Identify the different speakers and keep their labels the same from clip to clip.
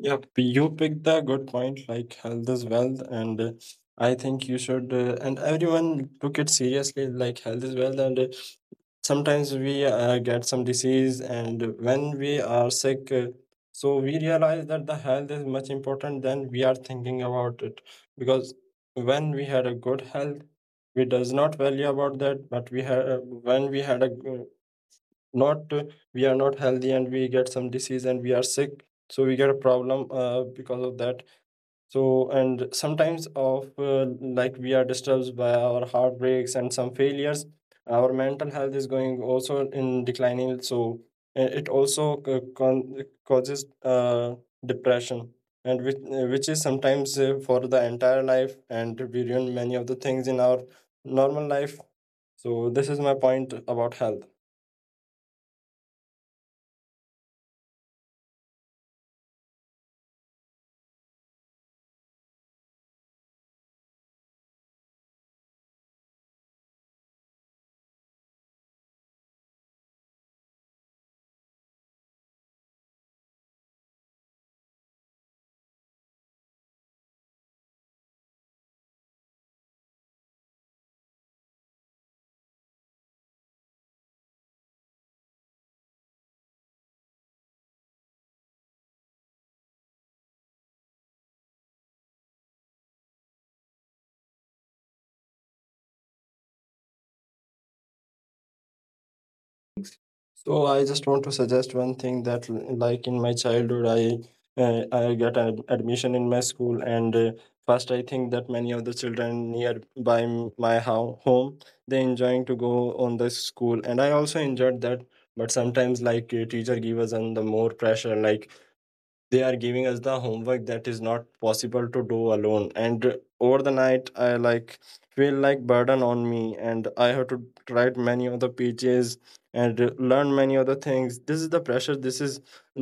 Speaker 1: Yep, you picked the good point. Like health is wealth, and I think you should and everyone took it seriously. Like health is wealth, and sometimes we get some disease, and when we are sick, so we realize that the health is much important than we are thinking about it. Because when we had a good health, we does not value about that, but we had when we had a g- not we are not healthy and we get some disease and we are sick, so we get a problem because of that. So and sometimes of like we are disturbed by our heartbreaks and some failures, our mental health is going also in declining, so it also causes depression, and which is sometimes for the entire life, and we ruin many of the things in our normal life. So this is my point about health. So I just want to suggest one thing that, like in my childhood, I got an admission in my school, and first I think that many of the children nearby my home, they enjoying to go on the school, and I also enjoyed that. But sometimes, like teacher give us on the more pressure, like they are giving us the homework that is not possible to do alone, and over the night I like feel like burden on me, and I have to write many of the pages and learn many other things. this is the pressure this is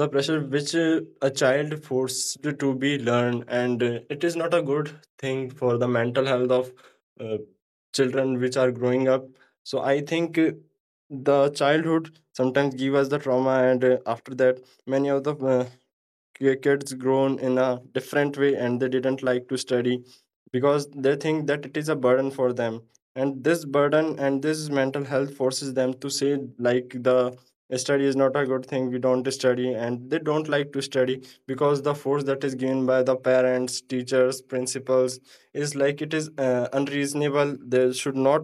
Speaker 1: the pressure which, a child forced to be learned, and it is not a good thing for the mental health of uh, children which are growing up. So I think the childhood sometimes give us the trauma, and after that many of the kids grown in a different way, and they didn't like to study because they think that it is a burden for them. And this burden and this mental health forces them to say like the study is not a good thing, we don't study, and they don't like to study because the force that is given by the parents, teachers, principals is like it is unreasonable. They should not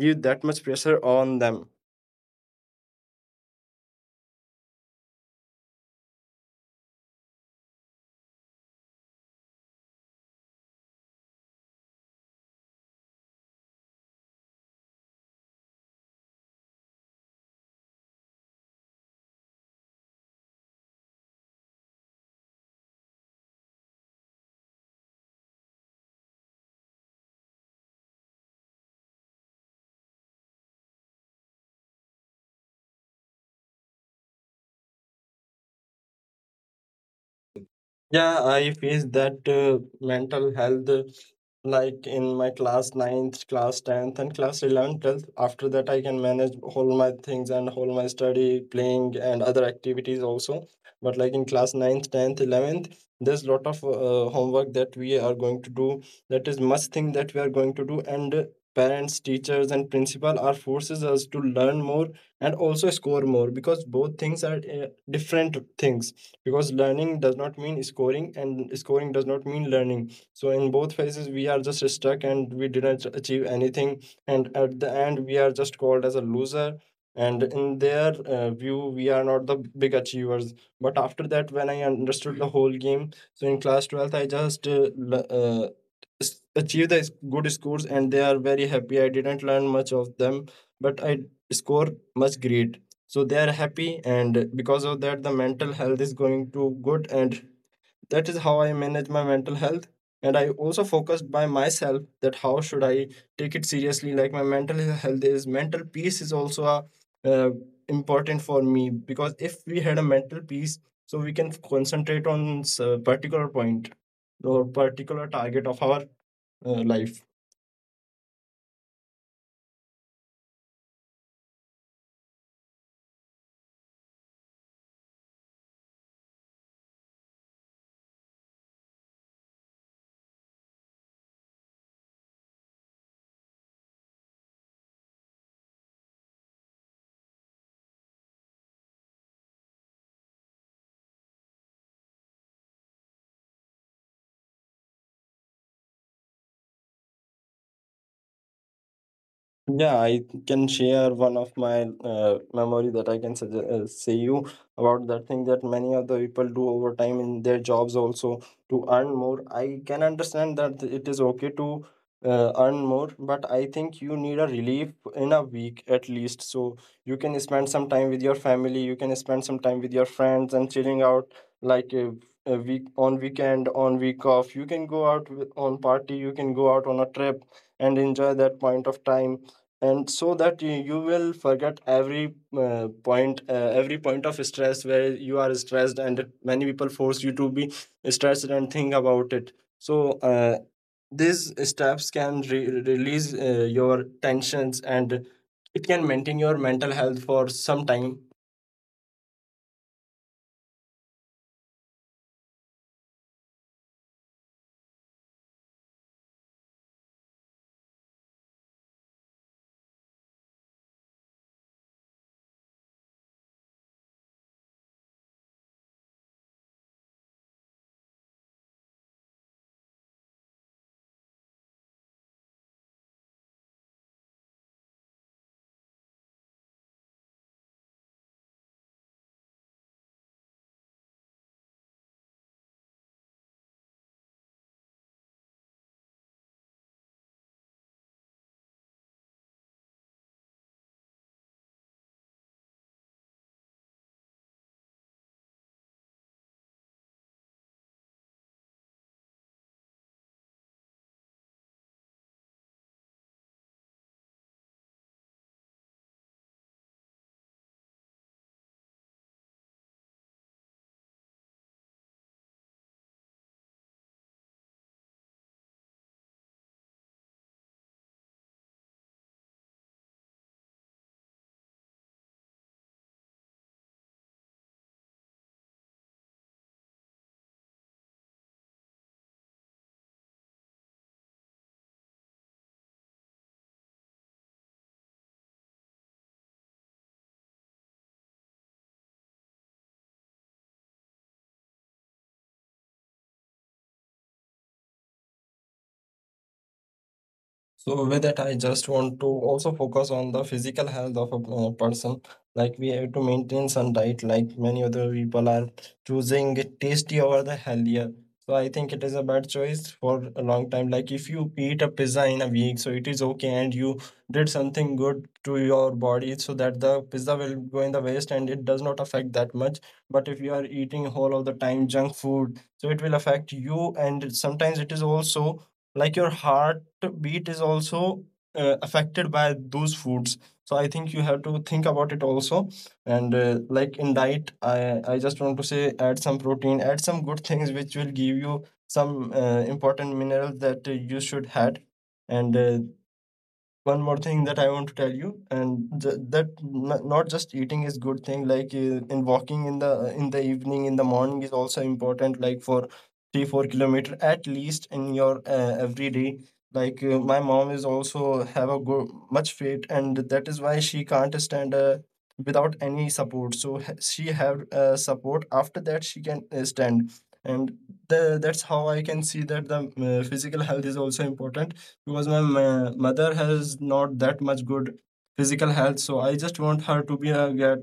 Speaker 1: give that much pressure on them. Yeah, I faced that mental health like in my class ninth, class 10th, and class 11th, 12th. After that, I can manage all my things and all my study, playing, and other activities also. But like in class ninth, 10th, 11th, there's lot of homework that we are going to do. That is must thing that we are going to do. And parents, teachers, and principal are forces us to learn more and also score more, because both things are different things, because learning does not mean scoring and scoring does not mean learning. So in both phases we are just stuck, and we didn't achieve anything, and at the end we are just called as a loser, and in their view we are not the big achievers. But after that, when I understood the whole game, so in class 12th I just achieved the good scores, and they are very happy. I didn't learn much of them but I score much great, so they are happy. And because of that the mental health is going to good, and that is how I manage my mental health. And I also focused by myself that how should I take it seriously. Like my mental health is mental peace is also uh, important for me, because if we had a mental peace, so we can concentrate on a particular point or particular target of our life. Yeah, I can share one of my memory that I can suggest say you about that thing that many of the people do over time in their jobs also to earn more. I can understand that it is okay to earn more, but I think you need a relief in a week at least. So you can spend some time with your family, you can spend some time with your friends and chilling out like a week on weekend, on week off. You can go out with, on party, you can go out on a trip and enjoy that point of time, and so that you will forget every point, every point of stress where you are stressed and many people force you to be stressed and think about it. So these steps can release your tensions, and it can maintain your mental health for some time. So with that, I just want to also focus on the physical health of a person. Like we have to maintain some diet, like many other people are choosing tasty over the healthier. So I think it is a bad choice for a long time. Like if you eat a pizza in a week, so it is okay, and you did something good to your body, so that the pizza will go in the waste and it does not affect that much. But if you are eating whole of the time junk food, so it will affect you, and sometimes it is also like your heart meat is also affected by those foods. So I think you have to think about it also. And like in diet, I just want to say add some protein, add some good things which will give you some important minerals that you should had. And one more thing that I want to tell you, and that not just eating is good thing. Like in walking in the evening, in the morning is also important. Like for 3-4 km at least in your every day. Like my mom is also have a good much weight, and that is why she can't stand without any support. So she have support. After that, she can stand, and that's how I can see that the physical health is also important, because my mother has not that much good physical health. So I just want her to be a get,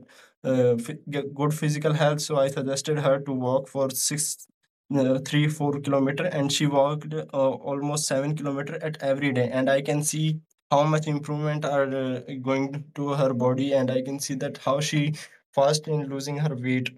Speaker 1: uh, fi- get good physical health. So I suggested her to walk for six 3-4 km, and she walked almost 7 km at every day, and I can see how much improvement are going to her body, and I can see that how she fast in losing her weight.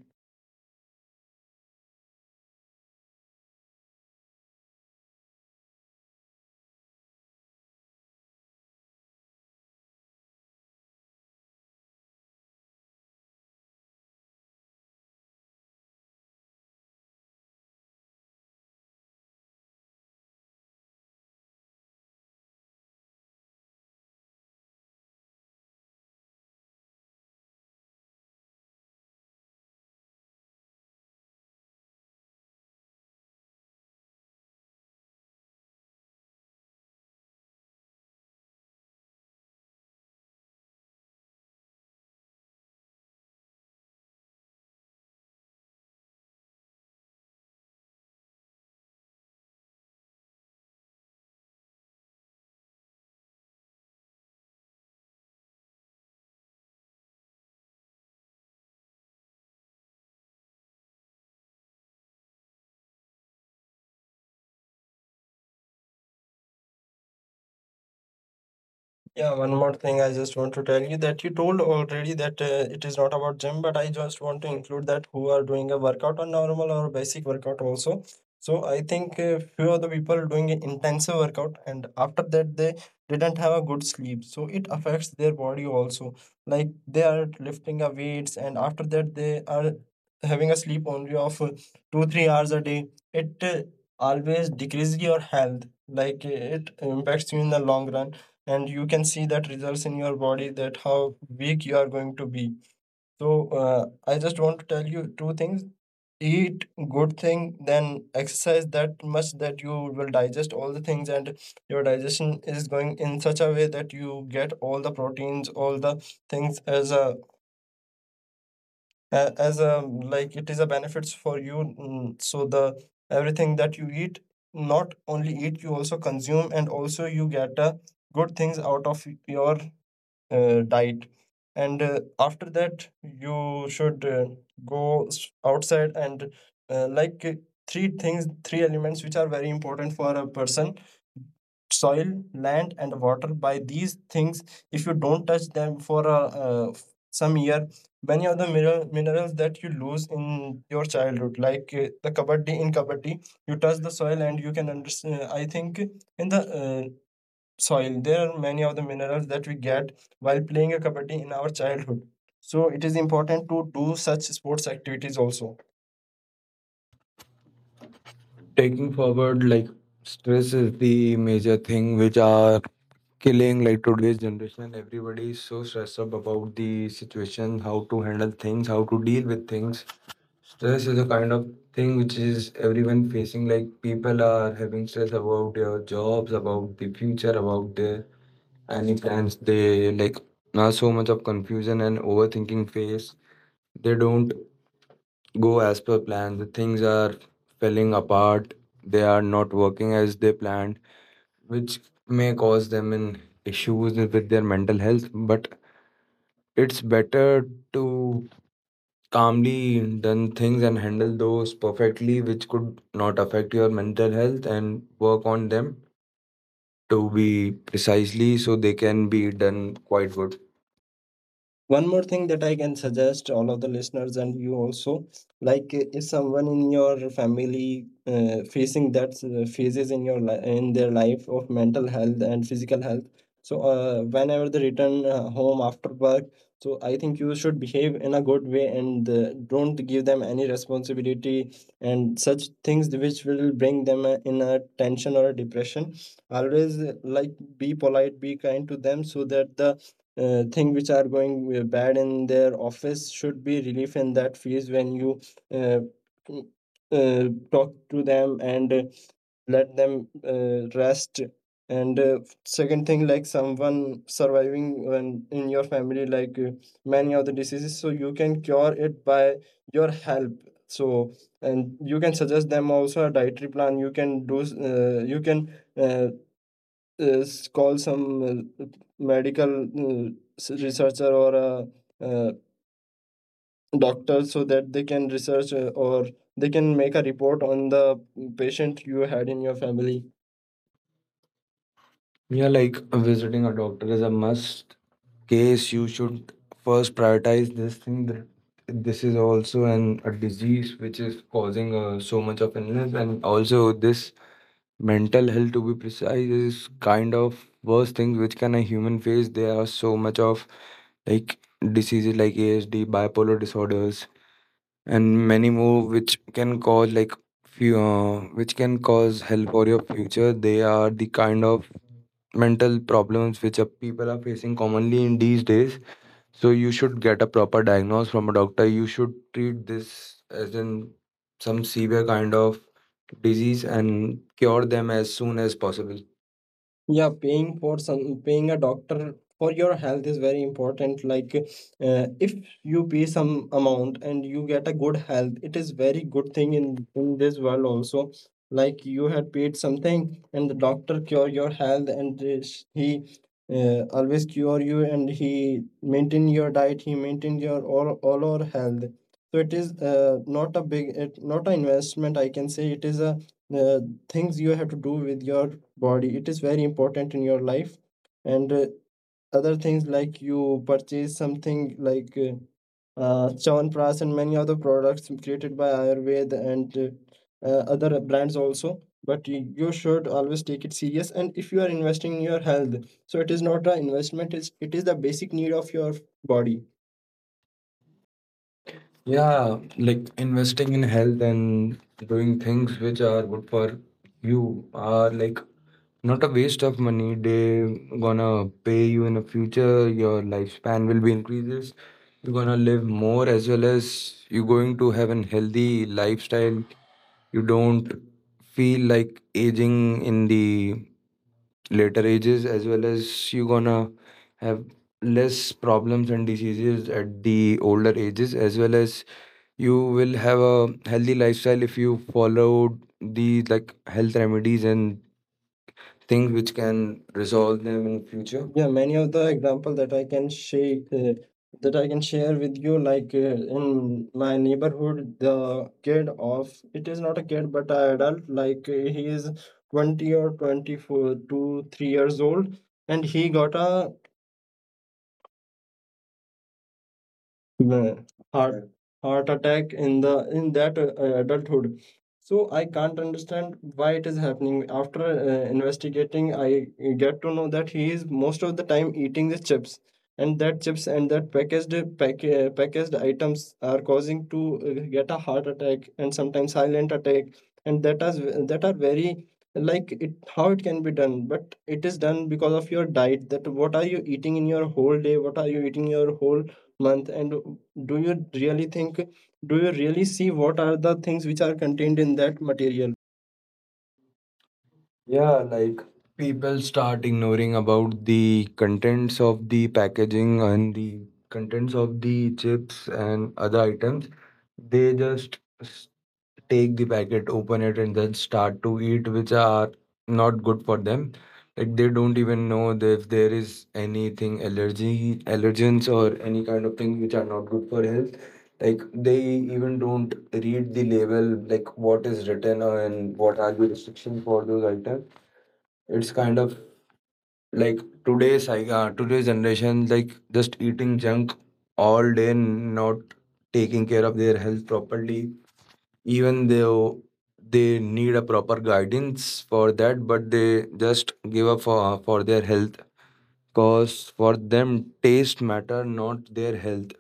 Speaker 1: Yeah, one more thing I just want to tell you that you told already that it is not about gym, but I just want to include that who are doing a workout on normal or basic workout also. So I think few of the people are doing an intensive workout, and after that they didn't have a good sleep. So it affects their body also. Like they are lifting a weights, and after that they are having a sleep only of 2-3 hours a day. It always decreases your health. Like it impacts you in the long run, and you can see that results in your body that how weak you are going to be. So I just want to tell you two things: eat good thing, then exercise that much that you will digest all the things and your digestion is going in such a way that you get all the proteins, all the things as a like it is a benefits for you. So the everything that you eat, not only eat, you also consume, and also you get a good things out of your diet. And after that you should go outside. And like three things, three elements which are very important for a person: soil, land, and water. By these things, if you don't touch them for uh, f- some year, many of the minerals that you lose in your childhood, like the kabaddi, in kabaddi you touch the soil, and you can understand I think in the soil. There are many of the minerals that we get while playing a kabaddi in our childhood. So it is important to do such sports activities also.
Speaker 2: Taking forward, like, stress is the major thing which are killing like today's generation. Everybody is so stressed up about the situation, how to handle things, how to deal with things. Stress is a kind of thing which is everyone facing. Like, people are having stress about their jobs, about the future, about their any plans. They like now so much of confusion and overthinking phase. They don't go as per plan. The things are falling apart. They are not working as they planned, which may cause them in issues with their mental health. But it's better to calmly done things and handle those perfectly, which could not affect your mental health, and work on them to be precisely so they can be done quite good.
Speaker 1: One more thing that I can suggest all of the listeners, and you also, if someone in your family facing that phases in your li- in their life of mental health and physical health, so whenever they return home after work, so I think you should behave in a good way and don't give them any responsibility and such things which will bring them in a tension or a depression. Always like be polite, be kind to them, so that the thing which are going bad in their office should be relief in that phase when you uh, mm, talk to them and let them rest. And second thing, like someone surviving when in your family, like many of the diseases, so you can cure it by your help. So and you can suggest them also a dietary plan. You can do you can uh, is call some medical researcher or a uh, doctor, so that they can research or they can make a report on the patient you had in your family.
Speaker 2: Yeah, like, visiting a doctor is a must case. You should first prioritize this thing that this is also an a disease which is causing so much of illness, and also this mental health, to be precise, is kind of worst thing which can a human face. There are so much of like diseases like ASD, bipolar disorders, and many more which can cause like few which can cause hell for your future. They are the kind of mental problems which are, people are facing commonly in these days. So you should get a proper diagnosis from a doctor. You should treat this as in some severe kind of disease and cure them as soon as possible.
Speaker 1: Yeah, paying a doctor for your health is very important. If you pay some amount and you get a good health, it is very good thing in this world also. Like, you had paid something and the doctor cure your health, and he always cure you and he maintain your diet, he maintain your all our health. So it is not a big, it not an investment, I can say it is a uh, things you have to do with your body. It is very important in your life. And other things like you purchase something like Chyawanprash and many other products created by Ayurveda and other brands also. But you should always take it serious. And if you are investing in your health, so it is not an investment. It's it is the basic need of your body.
Speaker 2: Yeah, like, investing in health and doing things which are good for you are like not a waste of money. They gonna pay you in the future. Your lifespan will be increases. You're gonna live more, as well as you're going to have an healthy lifestyle. You don't feel like aging in the later ages, as well as you're gonna have less problems and diseases at the older ages, as well as you will have a healthy lifestyle if you followed the like health remedies and things which can resolve them in future.
Speaker 1: Yeah, many of the example that I can share with you. Like in my neighborhood, the kid, of it is not a kid but an adult, like he is 20 or 24 to 3 years old, and he got a the heart heart attack in the in that adulthood. So I can't understand why it is happening. After investigating, I get to know that he is most of the time eating the chips, and that chips and that packaged items are causing to get a heart attack and sometimes silent attack, and that, as that are very, like it, how it can be done, but it is done because of your diet. That what are you eating in your whole day, what are you eating your whole month, and do you really think, do you really see what are the things which are contained in that material?
Speaker 2: Yeah, like, people start ignoring about the contents of the packaging and the contents of the chips and other items. They just take the packet, open it, and then start to eat, which are not good for them. Like, they don't even know that if there is anything allergy allergens or any kind of thing which are not good for health. Like, they even don't read the label, like what is written and what are the restrictions for those items. It's kind of like today's today's generation, like just eating junk all day, not taking care of their health properly. Even though they need a proper guidance for that, but they just give up for their health. Cause for them, taste matter, not their health.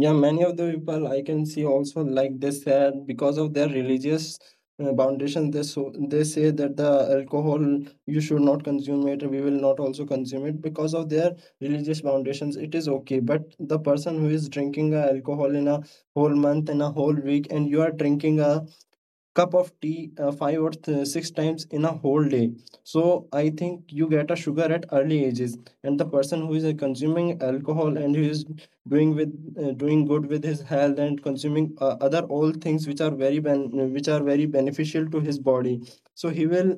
Speaker 1: Yeah, many of the people I can see also like this, because of their religious foundation, they, so they say that the alcohol you should not consume it, we will not also consume it because of their religious foundations. It is okay. But the person who is drinking alcohol in a whole month, in a whole week, and you are drinking a cup of tea five or six times in a whole day, so I think you get a sugar at early ages. And the person who is consuming alcohol and who is doing with doing good with his health and consuming other all things which are very which are very beneficial to his body, so he will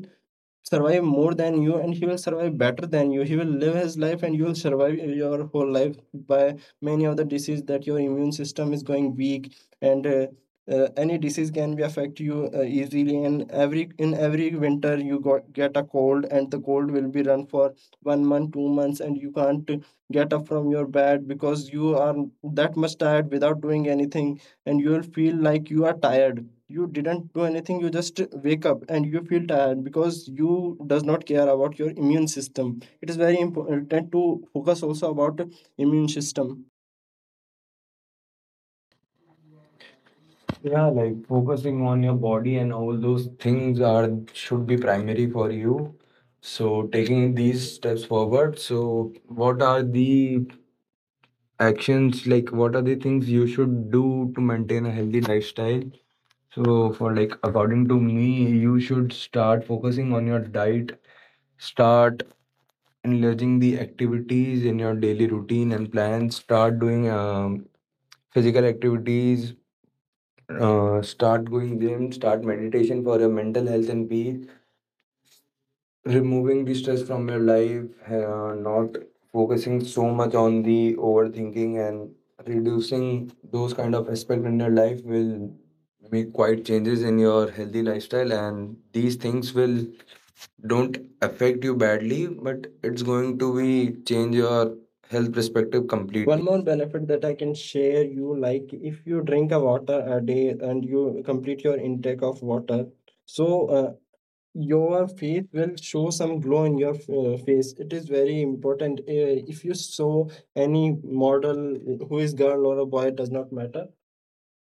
Speaker 1: survive more than you, and he will survive better than you. He will live his life, and you will survive your whole life by many of the disease that your immune system is going weak, and any disease can be affect you easily. And every, in every winter you got get a cold, and the cold will be run for 1 month 2 months, and you can't get up from your bed because you are that much tired without doing anything. And you will feel like you are tired, you didn't do anything, you just wake up and you feel tired because you does not care about your immune system. It is very important to focus also about immune system.
Speaker 2: Yeah, like, focusing on your body and all those things are should be primary for you. So taking these steps forward. So what are the actions, like what are the things you should do to maintain a healthy lifestyle? So for like according to me, you should start focusing on your diet, start enlarging the activities in your daily routine and plans, start doing physical activities, start going gym, start meditation for your mental health and peace, removing the stress from your life, not focusing so much on the overthinking and reducing those kind of aspect in your life will make quite changes in your healthy lifestyle, and these things will don't affect you badly, but it's going to be change your health perspective completely.
Speaker 1: One more benefit that I can share you, like if you drink a water a day and you complete your intake of water, so uh, your face will show some glow in your face. It is very important, if you saw any model who is girl or a boy, it does not matter.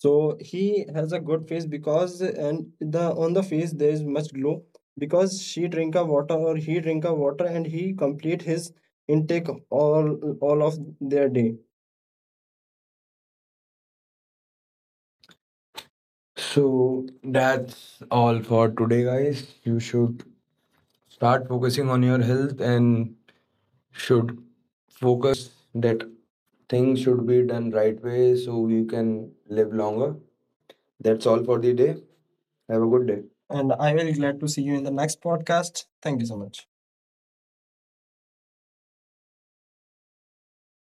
Speaker 1: So he has a good face because, and the on the face there is much glow because she drink a water or he drink a water and he complete his intake all of their day.
Speaker 2: So that's all for today, guys. You should start focusing on your health and should focus that things should be done right way so you can live longer. That's all for the day. Have a good day.
Speaker 1: And I will glad to see you in the next podcast. Thank you so much.